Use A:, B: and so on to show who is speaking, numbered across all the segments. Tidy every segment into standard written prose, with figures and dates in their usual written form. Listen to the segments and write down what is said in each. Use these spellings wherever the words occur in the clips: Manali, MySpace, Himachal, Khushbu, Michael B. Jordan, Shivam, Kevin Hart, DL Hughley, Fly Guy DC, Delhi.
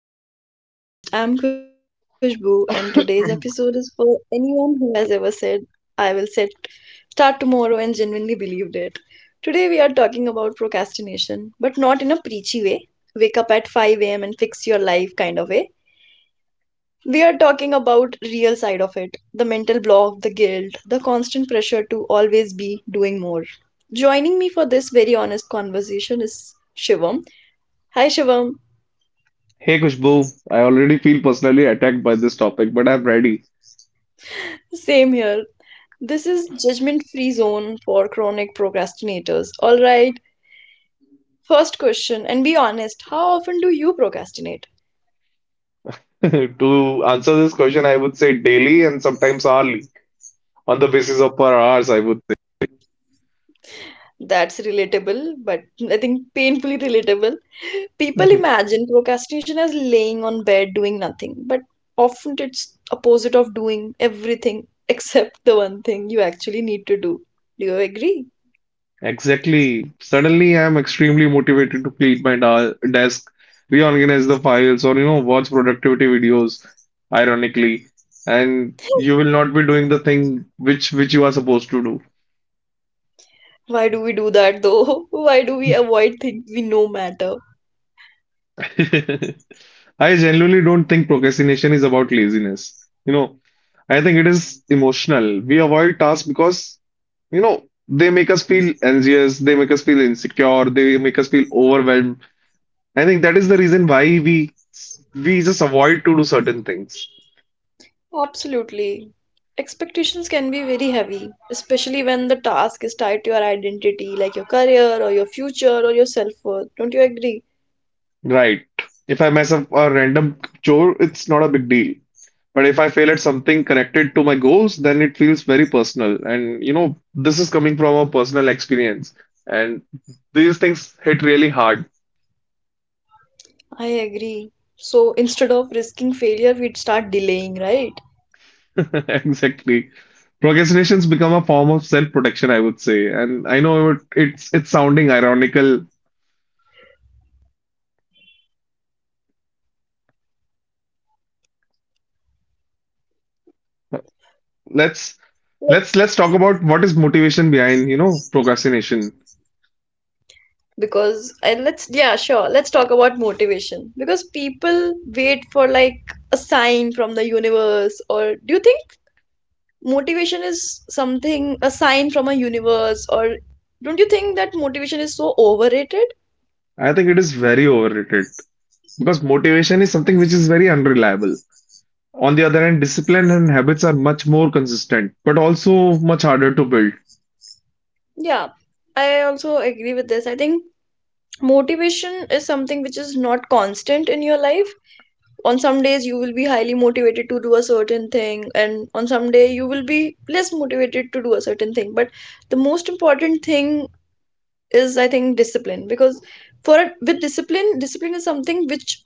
A: everyone, welcome back to the podcast. I'm Khushbu, and today's episode is for anyone who has ever said, I will start tomorrow and genuinely believed it. Today we are talking about procrastination, but not in a preachy way, wake up at 5 a.m. and fix your life kind of way. We are talking about real side of it, the mental block, the guilt, the constant pressure to always be doing more. Joining me for this very honest conversation is Shivam. Hi Shivam.
B: Hey Kushbu, I already feel personally attacked by this topic, but I'm ready.
A: Same here. This is judgment free zone for chronic procrastinators. All right. First question, and be honest, how often do you procrastinate?
B: To answer this question, I would say daily and sometimes hourly, on the basis of per hours, I would say.
A: That's relatable, but I think painfully relatable. People
B: Mhm.
A: imagine procrastination as laying on bed doing nothing, but often it's opposite of doing everything except the one thing you actually need to do. Do you agree?
B: Exactly. Suddenly, I'm extremely motivated to clean my desk, reorganize the files, or watch productivity videos, ironically, and you will not be doing the thing which you are supposed to
A: Why do we do that though? Why do we avoid things we know matter?
B: do. I genuinely don't think procrastination is about laziness. You know, I think it is emotional. We avoid tasks because, you know, they make us feel anxious, they make us feel insecure, they make us feel overwhelmed. I think that is the reason why we just avoid to do certain things.
A: Absolutely. Expectations can be very heavy, especially when the task is tied to your identity, like your career or your future or your self worth. Don't you agree?
B: Right. If I mess up a random chore, it's not a big deal. But if I fail at something connected to my goals, then it feels very personal. And you know, this is coming from a personal experience. And these things hit really hard.
A: I agree. So instead of risking failure, we'd start delaying, right?
B: Exactly. Procrastination's become a form of self-protection, I would say. And I know it's sounding ironical. Let's let's
A: Yes.
B: let's talk about what is motivation behind, procrastination.
A: Because and let's Yeah, sure. Let's talk about motivation. Because people wait for like a sign from the universe, or do you think motivation is something a sign from a universe, or don't you think that motivation is so overrated?
B: I think it is very overrated because motivation is something which is very unreliable. On the other hand, discipline and habits are much more consistent, but also much harder to build.
A: Yeah, I also agree with this. I think motivation is something which is not constant in your life. On some days, you will be highly motivated to do a certain thing, and on some day, you will be less motivated to do a certain thing. But the most important thing is, I think, discipline because for a, with discipline, discipline is something which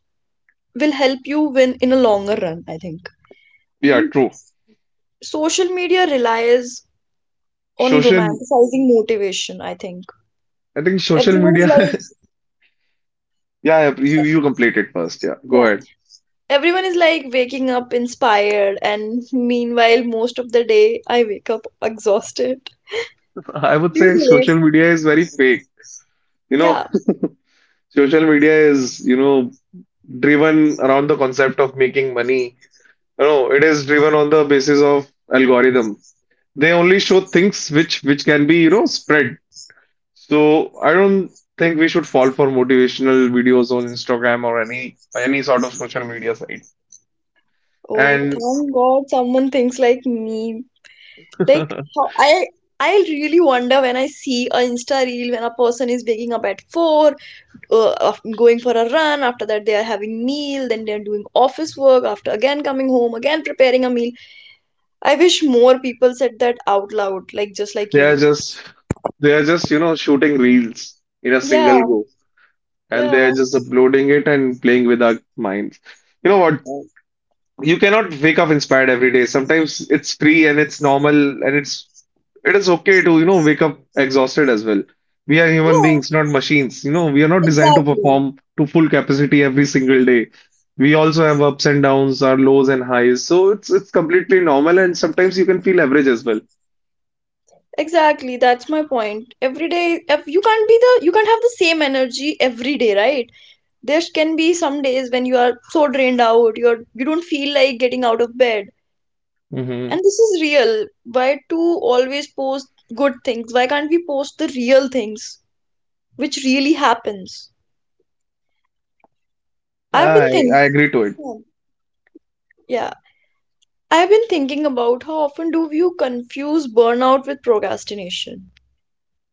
A: will help you win in a longer run, I think.
B: Yeah,
A: Mm,
B: true.
A: Social media relies on
B: Social,
A: romanticizing motivation, I think.
B: I think social
A: Everyone
B: media.
A: is
B: Yeah, yeah, you complete it first. Yeah, go
A: like,
B: ahead.
A: Everyone is like waking up inspired, and meanwhile, most of the day, I wake up exhausted.
B: I would
A: Do you
B: say
A: believe?
B: social media is very fake. You know,
A: Yeah.
B: social media is driven around the concept of making money. No, no, it is driven on the basis of algorithm. They only show things which can be, spread. So I don't think we should fall for motivational videos on Instagram or any sort of social media site.
A: Oh,
B: And
A: thank God someone thinks like me. Like how I really wonder when I see a Insta reel when a person is waking up at 4, going for a run, after that they are having meal, then they are doing office work, after again coming home, again preparing a meal. I wish more people said that out loud, like just like
B: they
A: you.
B: are just they are just, shooting reels in a single
A: Yeah,
B: go. And they
A: yeah,
B: are just uploading it and playing with our minds. You know what? You cannot wake up inspired every day. Sometimes it's free and it's normal and it's It is okay to, wake up exhausted as well. We are human
A: yeah,
B: beings, not machines. You know, we are not designed to
A: exactly.
B: perform to full capacity every single day. We also have ups and downs, our lows and highs. So it's completely normal, and sometimes you can feel average as well.
A: Exactly, that's my point. Every day, if you can't you can't have the same energy every day, right? There can be some days when you are so drained out, you don't feel like getting out of bed.
B: Mm-hmm.
A: And this is real. Why to always post good things? Why can't we post the real things which really happens? I've been
B: I
A: thinking,
B: I agree to it.
A: yeah, I've been thinking about how often do you confuse burnout with procrastination?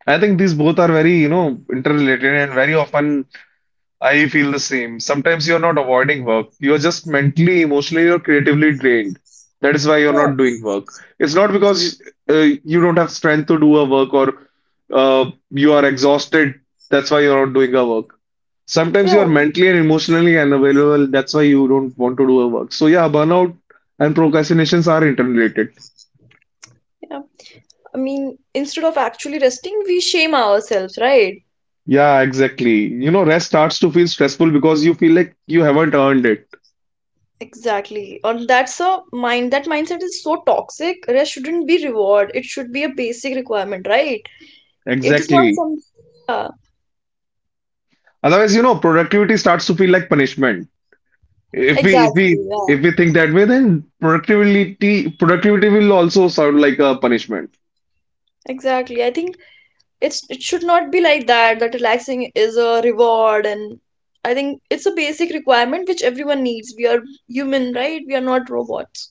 B: I think these both are very, interrelated and very often I feel the same. Sometimes you're not avoiding work. You're just mentally, emotionally, or creatively drained. That is why you're
A: Yeah,
B: not doing work. It's not because you don't have strength to do a work or you are exhausted. That's why you're not doing a work. Sometimes
A: yeah,
B: you are mentally and emotionally unavailable. That's why you don't want to do a work. So yeah, burnout and procrastinations are interrelated.
A: yeah. I mean, instead of actually resting, we shame ourselves, right?
B: Yeah, exactly. You know, rest starts to feel stressful because you feel like you haven't earned it.
A: Exactly. Or that mindset is so toxic. Rest shouldn't be reward. It should be a basic requirement, right? It is not
B: Exactly.
A: some Yeah,
B: Otherwise, you know, productivity starts to feel like punishment. If we if we
A: exactly, yeah.
B: if we think that way, then productivity will also sound like a punishment.
A: Exactly. I think it should not be like that, that relaxing is a reward and I think it's a basic requirement which everyone needs. We are human, right? We are not robots.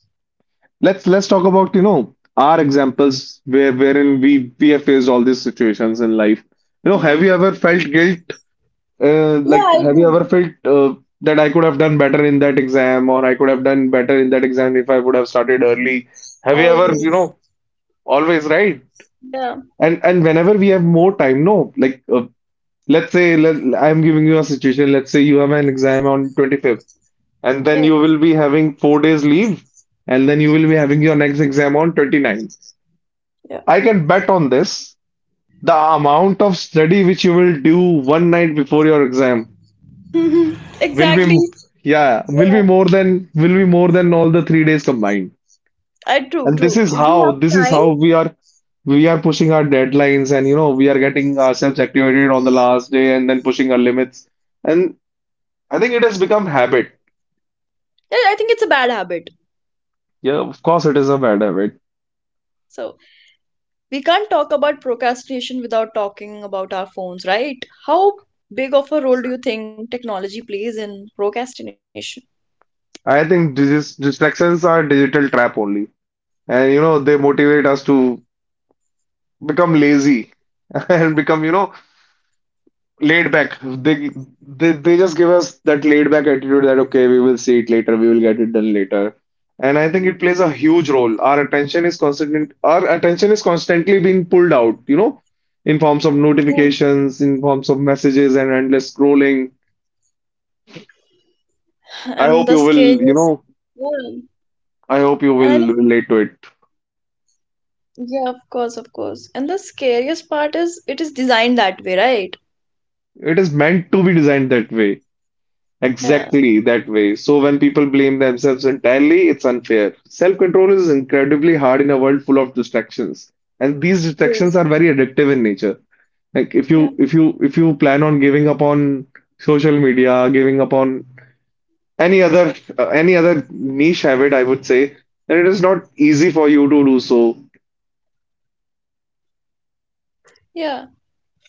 B: Let's talk about, our examples where wherein we have faced all these situations in life. You know,
A: Yeah.
B: have you ever felt guilt?
A: Yeah,
B: Like,
A: I
B: have you ever
A: do.
B: felt that I could have done better in that exam, or I could have done better in that exam if I would have started early? Have you ever, you know,
A: Always.
B: always right?
A: Yeah.
B: And whenever we have more time, no, like Let's say let, I'm giving you a situation. Let's say you have an exam on 25th, and then you
A: Yeah.
B: will be having 4 days leave, and then you will be having your next exam on 29th. I can bet on this. The amount of study which you will do one night before your exam
A: Yeah.
B: will be,
A: Exactly.
B: yeah, will
A: Yeah,
B: be more than all the 3 days combined.
A: true,
B: And this
A: true.
B: is
A: If we
B: how
A: have
B: this is
A: time,
B: how we are we are pushing our deadlines, and you know we are getting ourselves activated on the last day, and then pushing our limits. And I think it has become habit.
A: then I think it's a bad habit.
B: Yeah, of course it is a bad habit.
A: So we can't talk about procrastination without talking about our phones, right? How big of a role do you think technology plays in procrastination?
B: I think distractions are digital trap only. And you know, they motivate us to become lazy and become, you know, laid back. They just give us that laid back attitude that okay, we will see it later, we will get it done later. And I think it plays a huge role. Our attention is constantly being pulled out, you know, in forms of
A: Yeah.
B: notifications, in forms of messages and endless scrolling.
A: And
B: I
A: the
B: hope you will,
A: scariest,
B: you know,
A: yeah.
B: I hope
A: And
B: you
A: I think,
B: will relate to it.
A: yeah, of course, of course. And the scariest part is it is designed that way, right?
B: It is meant to be designed that way.
A: Yeah.
B: Exactly that way. So when people blame themselves entirely, it's unfair. Self-control is incredibly hard in a world full of distractions. And these
A: Yes.
B: distractions are very addictive in nature. Like if
A: Yeah.
B: you if you if you plan on giving up on social media, giving up on any other any other niche habit, I would say, then it is not easy for you to do so.
A: Yeah.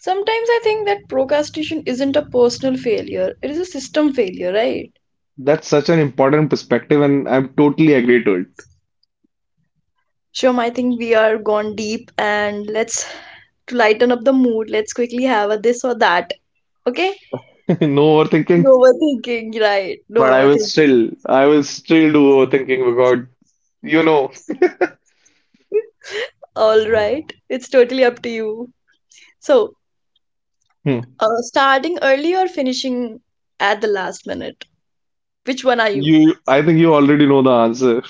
A: Sometimes I think that procrastination isn't a personal failure, it is a system failure, right?
B: That's such an important perspective, and I'm totally agree to it.
A: Sure, I think we are gone deep and let's to lighten up the mood, let's quickly have a this or that. Okay?
B: No overthinking.
A: No overthinking, right?
B: But
A: No overthinking.
B: I will still do overthinking because you know,
A: All right. It's totally up to you. So,
B: Hmm.
A: starting early or finishing at the last minute? Which one are you?
B: You. I think you already know the answer.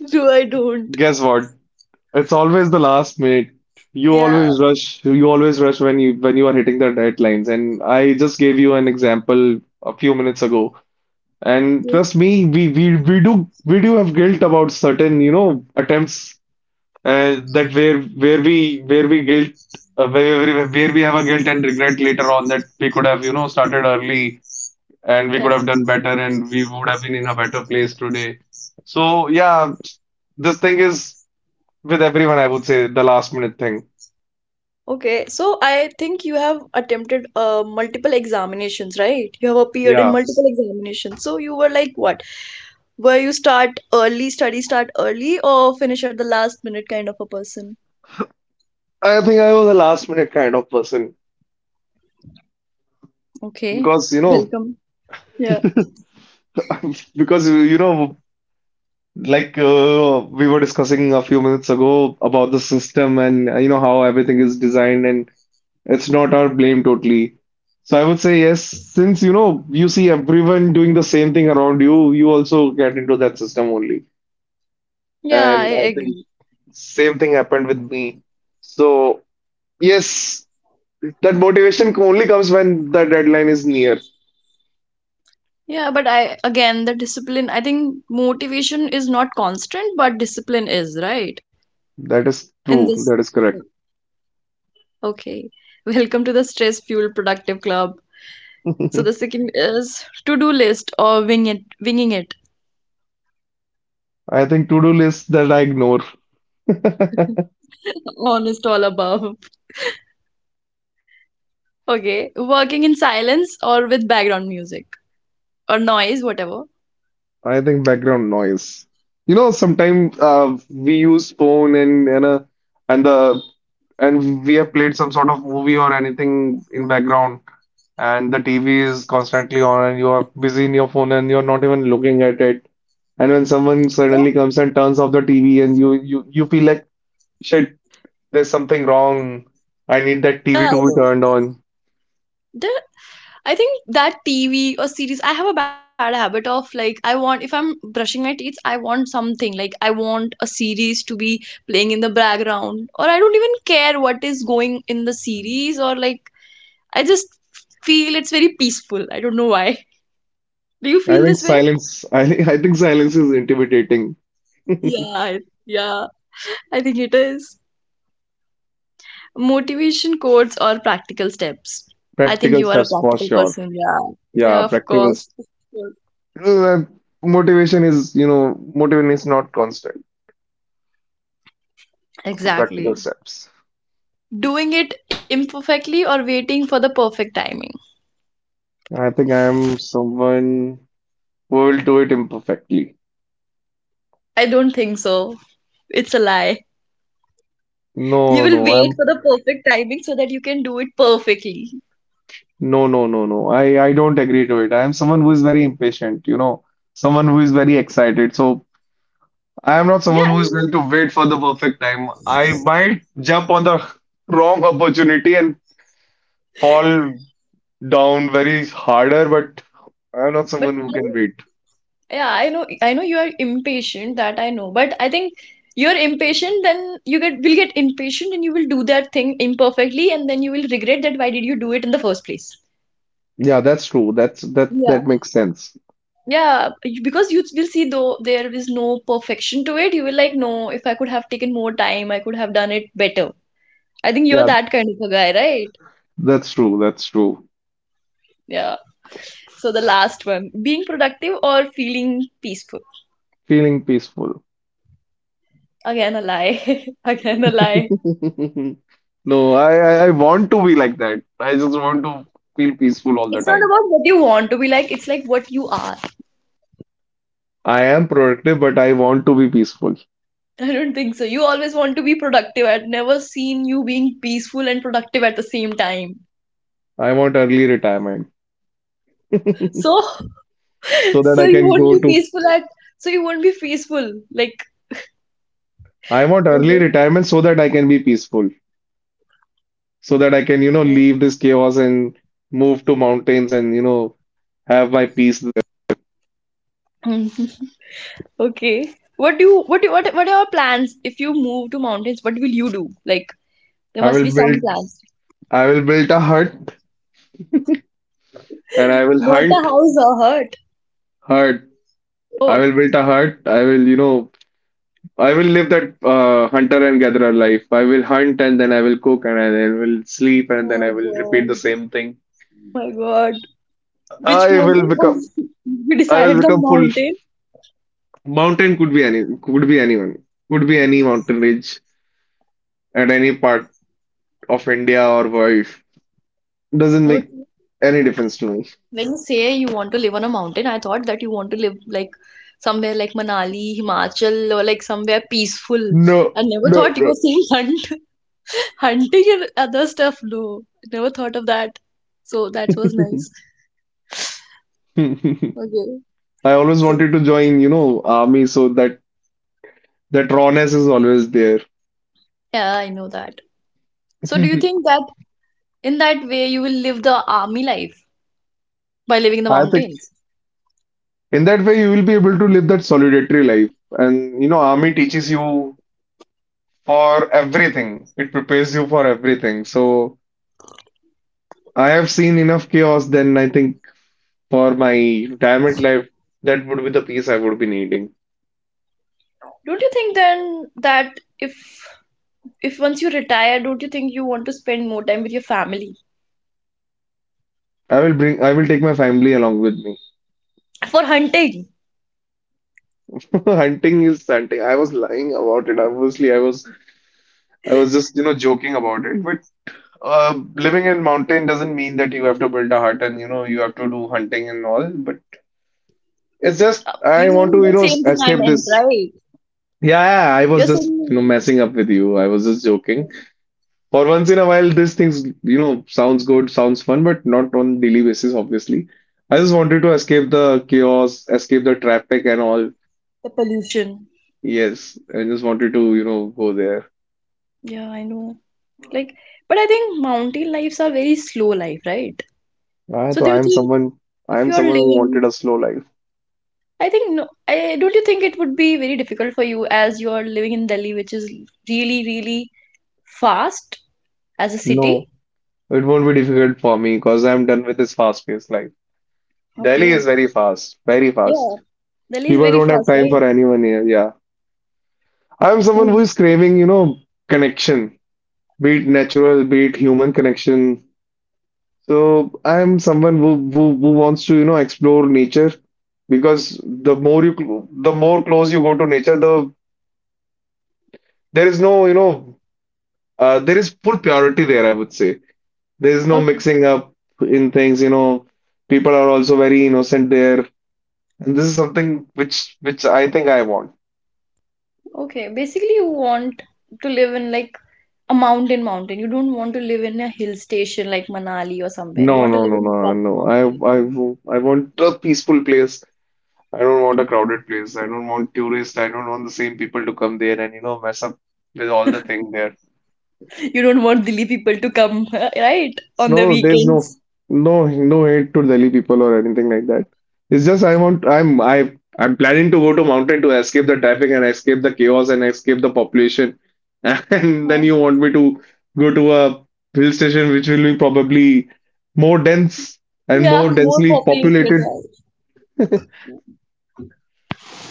A: Do I don't?
B: Guess what? It's always the last minute. You
A: Yeah.
B: always rush. You always rush when you are hitting the deadlines. And I just gave you an example a few minutes ago. And trust me, we we we do we do have guilt about certain you know attempts that where we guilt where we have a guilt and regret later on that we could have you know started early and we
A: Yeah.
B: could have done better and we would have been in a better place today. So yeah, this thing is with everyone, I would say the last minute thing.
A: Okay, so I think you have attempted multiple examinations, right? You have appeared in
B: Yeah.
A: multiple examinations. So you were like what? Where you start early, study start early, or finish at the last minute kind of a person.
B: I think I was a last minute kind of person
A: Okay,
B: because you know
A: welcome. Yeah.
B: because you know like we were discussing a few minutes ago about the system and you know how everything is designed and it's not our blame totally. So I would say yes, since you know you see everyone doing the same thing around you, you also get into that system only.
A: Yeah, I
B: And I
A: agree.
B: think same thing happened with me. So yes, that motivation only comes when the deadline is near.
A: Yeah, but I again the discipline, I think motivation is not constant, but discipline is, right?
B: That is
A: In
B: true.
A: this.
B: That is correct.
A: Okay. Welcome to the Stress Fuel Productive Club. So the second is to-do list or winging it.
B: I think to-do list that I ignore.
A: Honest all above. Okay, working in silence or with background music or noise, whatever.
B: I think background noise. You know, sometimes we use phone and the and we have played some sort of movie or anything in background, and the TV is constantly on, and you are busy in your phone and you're not even looking at it. And when someone
A: Yeah,
B: suddenly comes and turns off the TV, and you feel like shit, there's something wrong. I need that
A: yeah,
B: TV
A: I
B: to be
A: do.
B: turned on.
A: The- I think that TV or series, I have a bad habit of like, I want, if I'm brushing my teeth, I want something. Like, I want a series to be playing in the background, or I don't even care what is going in the series, or like, I just feel it's very peaceful. I don't know why. Do you
B: I
A: feel
B: think
A: this way?
B: silence. I think silence is intimidating.
A: Yeah, I- yeah, I think it is. Motivation quotes or practical steps. I think
B: Practical
A: you are a
B: steps for
A: practical
B: sure.
A: person. Yeah,
B: Yeah,
A: yeah, of
B: practicals.
A: course. Of course.
B: Uh, motivation is, you know, motivation is not constant. So practical
A: Exactly.
B: steps.
A: Doing it imperfectly or waiting for the perfect timing.
B: I think I'm someone who will do it imperfectly.
A: I don't think so. It's a lie. You
B: No,
A: will
B: no,
A: wait
B: I'm
A: for the perfect timing so that you can do it perfectly.
B: no, no, no, no. I don't agree to it. I am someone who is very impatient, you know, someone who is very excited. So I am not
A: Yeah,
B: someone
A: I
B: who is
A: mean,
B: going to wait for the perfect time. I might jump on the wrong opportunity and fall down very harder, but I'm not
A: but
B: someone who
A: I
B: can wait.
A: yeah, I know you are impatient, that I know, but I think you're impatient, then you get will get impatient and you will do that thing imperfectly and then you will regret that why did you do it in the first place.
B: Yeah, that's true. That's that
A: Yeah.
B: that makes sense.
A: Because you will see though there is no perfection to it, you will like, no, if I could have taken more time, I could have done it better. I think you're
B: Yeah,
A: that kind of a guy, right?
B: that's true. That's true.
A: Yeah. So the last one being productive or feeling peaceful.
B: Feeling peaceful.
A: Again a lie. Again a lie.
B: No, I want to be like that. I just want to feel peaceful all the
A: It's not
B: time.
A: about what you want to be like, it's like what you are.
B: I am productive, but I want to be peaceful.
A: I don't think so. You always want to be productive. I've never seen you being peaceful and productive at the same time.
B: I want early retirement
A: So,
B: so that
A: so
B: I
A: you
B: can
A: won't
B: go
A: be
B: to.
A: peaceful at. So you won't be peaceful. Like,
B: I want early
A: Mhm.
B: retirement so that I can be peaceful, so that I can, you know,
A: Yeah.
B: leave this chaos and move to mountains and, you know, have my peace there.
A: Mhm. Okay. What do you? What do? What? What are your plans? If you move to mountains, what will you do? Like, there
B: I
A: must be
B: will
A: some
B: build
A: plans.
B: I will build a hut and I will
A: Not a
B: hunt.
A: house or hut.
B: Hut. I
A: Oh
B: will build a hut. I will, you know, I will live that hunter and gatherer life. I will hunt and then I will cook and I then will sleep and
A: Oh
B: then I
A: my
B: will repeat
A: god.
B: the same thing.
A: Oh my God! Which
B: I will
A: mountain? Oh,
B: become,
A: you
B: I will
A: decided the
B: become full.
A: mountain.
B: Mountain could be any, could be anyone, could be any mountain ridge at any part of India or world. Doesn't make
A: Okay.
B: any difference to me.
A: When you say you want to live on a mountain, I thought that you want to live like somewhere like Manali, Himachal, or like somewhere peaceful. I
B: No,
A: never
B: no,
A: thought you
B: no.
A: were saying hunt, hunting and other stuff. No, never thought of that. So that was nice.
B: I
A: Okay.
B: always
A: So
B: wanted to join, army so that that rawness is always there.
A: yeah, I know that. So do you
B: I
A: think that in that way you will live the army life by living in the
B: think.
A: mountains?
B: In that way, you will be able to live that solitary life. And you know, army teaches you for everything. It prepares you for everything. So I have seen enough chaos then I think for my retirement life, that would be the peace I would be needing.
A: Don't you think then that if once you retire, don't you think you want to spend more time with your family
B: I will take my family along with me.
A: for hunting?
B: Hunting is hunting. I was lying about it. Obviously, I was just, joking about it. But living in mountain doesn't mean that you have to build a hut and you know you have to do hunting and all. But it's just
A: You
B: I want
A: mean
B: to,
A: the same thing I
B: escape
A: meant,
B: this.
A: right?
B: Yeah, yeah, I
A: You're
B: was just,
A: saying,
B: messing up with you. I was just joking.
A: mm,
B: For
A: yeah,
B: once in a while, these things, sounds good, sounds fun, but not on daily basis, obviously. I just wanted to escape the chaos, escape the traffic and all.
A: the pollution.
B: Yes, I just wanted to, go there.
A: Yeah, I know. Like, but I think mountain lives are very slow life, right?
B: Ah,
A: So
B: so
A: do you think
B: I
A: if
B: am
A: you're
B: someone who wanted
A: living,
B: a slow life.
A: I think, no, I don't, you think it would be very difficult for you as you're living in Delhi, which is really, really fast as a city?
B: No, it won't be difficult for me because I'm done with this fast-paced life. Delhi
A: Okay.
B: is very fast, very
A: Yeah,
B: fast.
A: Delhi is
B: People
A: very
B: don't have
A: fast,
B: time
A: right?
B: for anyone here. Yeah. I'm
A: I
B: someone who
A: know.
B: is craving, connection, be it natural, be it human connection. So I'm someone who wants to, explore nature because the more close you go to nature, the there is no, there is full purity there, I would say. There is no
A: Okay.
B: mixing up in things, you know. People are also very innocent there, and this is something which I think I want.
A: Okay. Basically, you want to live in like a mountain, mountain. You don't want to live in a hill station like Manali or somewhere. You
B: No,
A: want to
B: no,
A: live
B: no,
A: in a
B: no,
A: proper
B: no.
A: mountain.
B: I I want a peaceful place. I don't want a crowded place. I don't want tourists. I don't want the same people to come there and, mess up with all the thing there.
A: You don't want Delhi people to come, right? On the
B: No, there's no
A: weekends.
B: no no hate to Delhi people or anything like that. It's just I want I'm I I'm planning to go to mountain to escape the traffic and escape the chaos and escape the population. And then
A: Yeah,
B: you want me to go to a hill station which will be probably more dense and
A: yeah,
B: more
A: more
B: densely
A: populated,
B: populated.
A: right?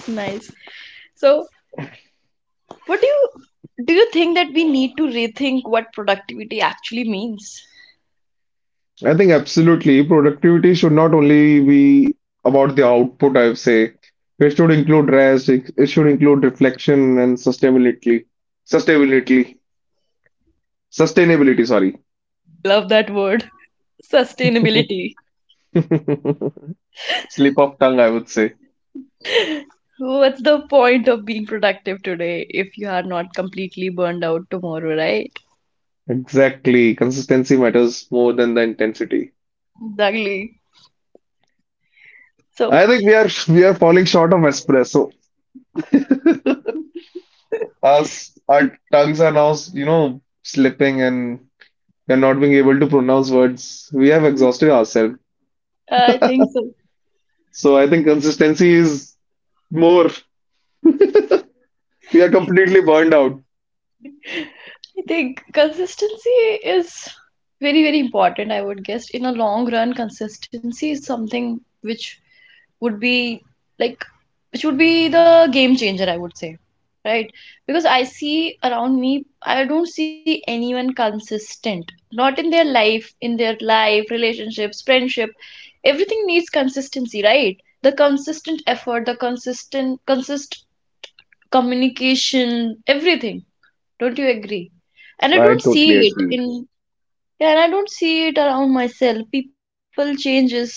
A: Nice. So, what do you think that we need to rethink what productivity actually means?
B: I think absolutely. Productivity should not only be about the output, I would say. It should include rest, it should include reflection and sustainability. Sustainability. Sustainability, sorry.
A: Love that word. Sustainability.
B: Slip of tongue, I would say.
A: What's the point of being productive today if you are not completely burned out tomorrow, right?
B: Exactly. Consistency matters more than the intensity.
A: Exactly. So
B: I think we are falling short of espresso. Us, our tongues are now, slipping and we are not being able to pronounce words. We have exhausted ourselves.
A: so.
B: So I think consistency is more. We are completely burned out.
A: I think consistency is very, very important, I would guess. In a long run, consistency is something which would be like, which would be the game changer, I would say, right? Because I see around me, I don't see anyone consistent, not in their life, relationships, friendship. Everything needs consistency, right? The consistent effort, the consistent, consist communication, everything. Don't you agree? And I
B: I
A: don't
B: totally
A: see it
B: agree.
A: in Yeah, and I don't see it around myself. People changes like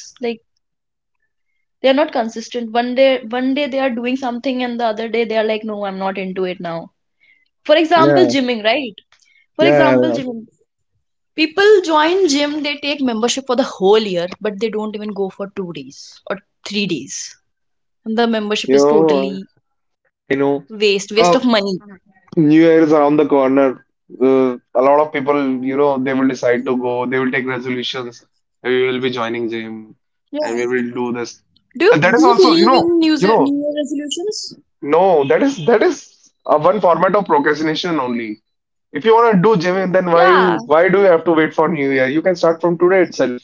A: they're not consistent. One day they are doing something and the other day they are like, no, I'm not into it now. For example,
B: Yeah,
A: gymming, right? For
B: yeah,
A: example,
B: yeah.
A: gymming. People join gym, they take membership for the whole year, but they don't even go for 2 days or 3 days. And the
B: You
A: membership is
B: know,
A: totally
B: you know,
A: waste of money.
B: uh, New Year is around the corner. A lot of people, they will decide to go. They will take resolutions. We will be joining
A: Yeah.
B: gym, and we will do
A: Do you
B: this.
A: do you
B: And
A: believe
B: that is
A: in
B: also,
A: New New Year
B: you know,
A: resolutions?
B: no, that is one format of procrastination only. If you want to do gym,
A: Yeah,
B: then why do you have to wait for New Year? You can start from today itself.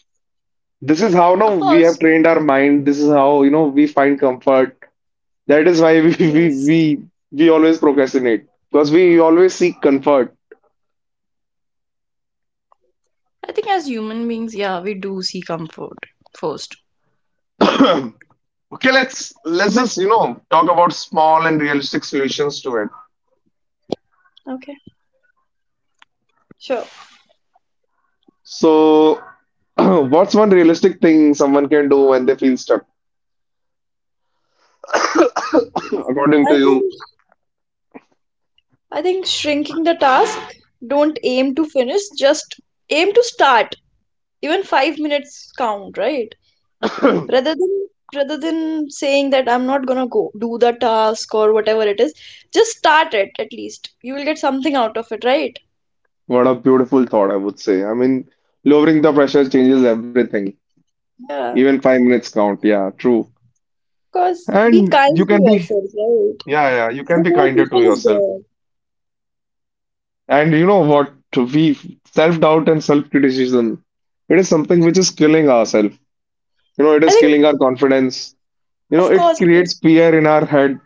B: This is
A: of
B: how no
A: course.
B: we have trained our mind. This is how you know we find comfort. That is why
A: Yes.
B: we always procrastinate because we always seek comfort.
A: I think as human beings, yeah, we do see comfort first.
B: Okay, let's
A: But
B: let's just you know talk about small and realistic solutions to it.
A: okay. Sure.
B: So, what's one realistic thing someone can do when they feel stuck?
A: So
B: According
A: I
B: to you,
A: think I think shrinking the task, don't aim to finish, just aim to start. Even 5 minutes count, right? Rather than rather than saying that I'm not gonna go do the task or whatever it is, just start it at least. You will get something out of it, right?
B: what a beautiful thought, I would say. I mean, lowering the pressure changes everything.
A: Yeah. Of
B: Even 5 minutes count. Yeah, true.
A: course. Be
B: And you
A: kind to
B: can be
A: yourself, right?
B: Yeah, yeah, you can
A: The
B: be
A: whole
B: kinder to
A: people is
B: yourself.
A: there.
B: And you know what? We self-doubt and self-criticism, it is something which is killing ourselves. You know, it
A: I
B: is
A: think
B: killing our confidence. You know,
A: of
B: it
A: course, of course.
B: creates fear in our head.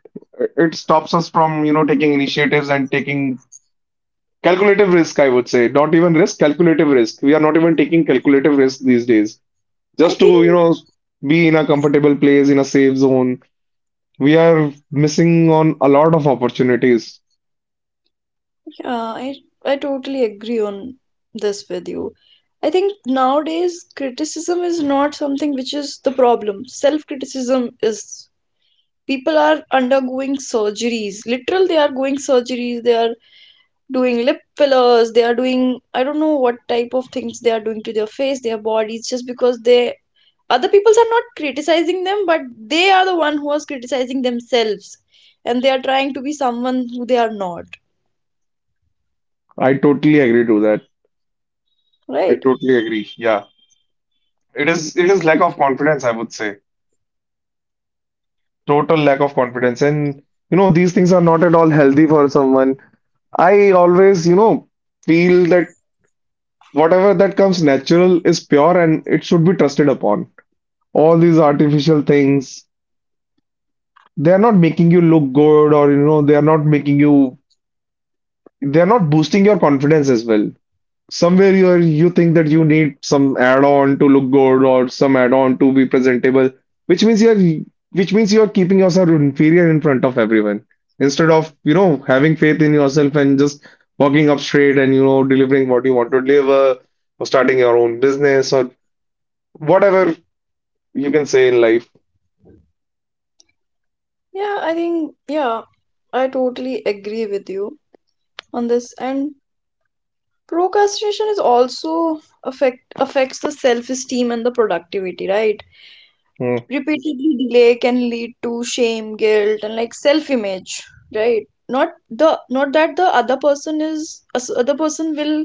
B: It stops us from, taking initiatives and taking calculative risk, I would say. Not even risk, calculative risk. We are not even taking calculative risk these days.
A: I
B: Just to,
A: think,
B: be in a comfortable place, in a safe zone. We are missing on a lot of opportunities.
A: yeah, I totally agree on this with you. I think nowadays criticism is not something which is the problem. Self-criticism is people are undergoing surgeries. Literal, they are going surgeries, they are doing lip fillers, they are doing I don't know what type of things they are doing to their face, their bodies, just because they other peoples are not criticizing them, but they are the one who is criticizing themselves, and they are trying to be someone who they are not,
B: I totally agree to that. I
A: right?
B: totally agree. Yeah. It is lack of confidence, I would say. Total lack of confidence. And you know, these things are not at all healthy for someone. I always, feel that whatever that comes natural is pure and it should be trusted upon. All these artificial things, they are not making you look good or you know, they are not boosting your confidence as well. Somewhere you are, you think that you need some add-on to look good or some add-on to be presentable, which means you are keeping yourself inferior in front of everyone instead of you know having faith in yourself and just walking up straight and you know delivering what you want to deliver or starting your own business or whatever you can say in life.
A: Yeah, I think, yeah, I totally agree with you on this. And procrastination is also affects the self-esteem and the productivity, right?
B: Hmm,
A: Repeatedly delay can lead to shame, guilt, and like self-image, right? Not that the other person will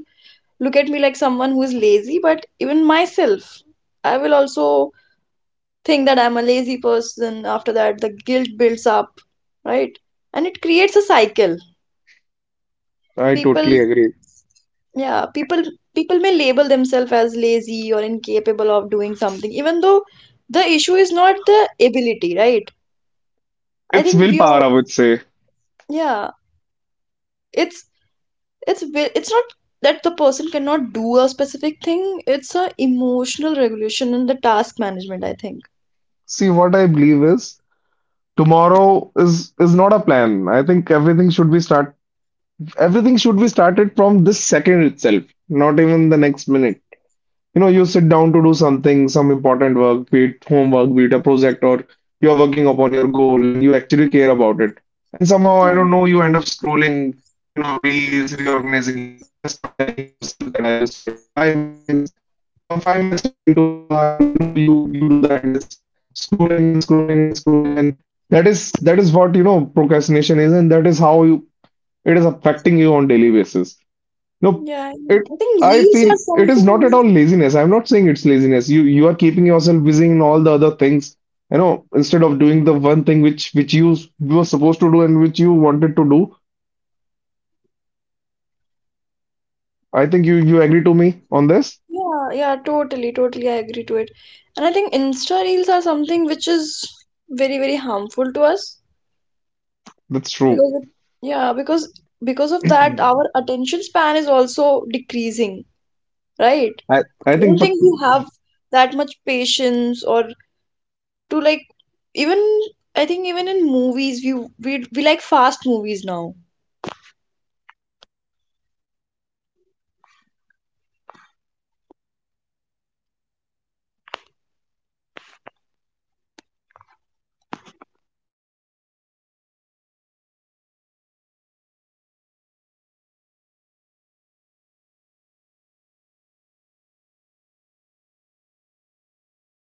A: look at me like someone who is lazy, but even myself, I will also think that I'm a lazy person. After that, the guilt builds up, right? And it creates a cycle.
B: I
A: people
B: totally agree.
A: yeah people people may label themselves as lazy or incapable of doing something even though the issue is not the ability, right? I
B: It's
A: think we
B: willpower, I
A: all
B: would say.
A: yeah it's it's ve- It's not that the person cannot do a specific thing, it's a emotional regulation and the task management, I think.
B: See, what I believe is tomorrow is not a plan. I think everything should be start Everything should be started from this second itself, not even the next minute. You know, you sit down to do something, some important work, be it homework, be it a project, or you're working upon your goal and you actually care about it. And somehow, I
A: Yeah,
B: don't know, you end up scrolling, you know, reels, reorganizing your desk, or telling yourself that I will start in 5 minutes, or 5 minutes turn into an hour, and you know, you do the endless scrolling and scrolling and scrolling and that is what you know procrastination is and that is how you it is affecting you on daily basis. No,
A: yeah, I know.
B: it
A: I think
B: I
A: reels are
B: feel it is not at
A: something,
B: all laziness. I'm not saying it's laziness. You are keeping yourself busy in all the other things, you know, instead of doing the one thing which you were supposed to do and which you wanted to do. I think you agree to me on this.
A: yeah, yeah, totally totally I agree to it. And I think insta reels are something which is very very harmful to us.
B: That's true.
A: Because it- yeah, because of that, our attention span is also decreasing, right?
B: I
A: I
B: I think,
A: don't
B: but
A: think we have that much patience or
B: I
A: to
B: think the
A: like,
B: reason behind the
A: even I
B: procrastination
A: think,
B: is
A: even
B: most of
A: in
B: the time, you
A: movies we
B: know,
A: we
B: we
A: we
B: do
A: like
B: it because
A: fast
B: we care.
A: movies
B: We are
A: now.
B: afraid of messing up. We just over care about things. We are afraid that it won't be perfect or uh, it it will take more efforts than we think we have. So instead of starting, we just avoid it. And the problem is procrastination doesn't remove stress; it delays it. You know, and that assignment which you need to do within a week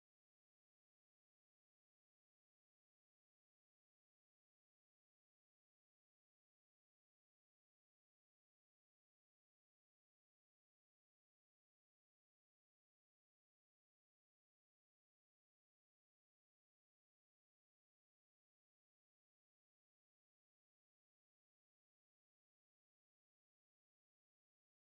B: gets delayed to within a month and that does assignment doesn't disappear, that goal doesn't shrink, you know, it's just delayed, and it waits for you, and then you will rush for it, and then you will take pressure on the last day, you know, you will just you know run behind the targets when deadline is near and you will overstress yourself. So do you think that avoiding stress for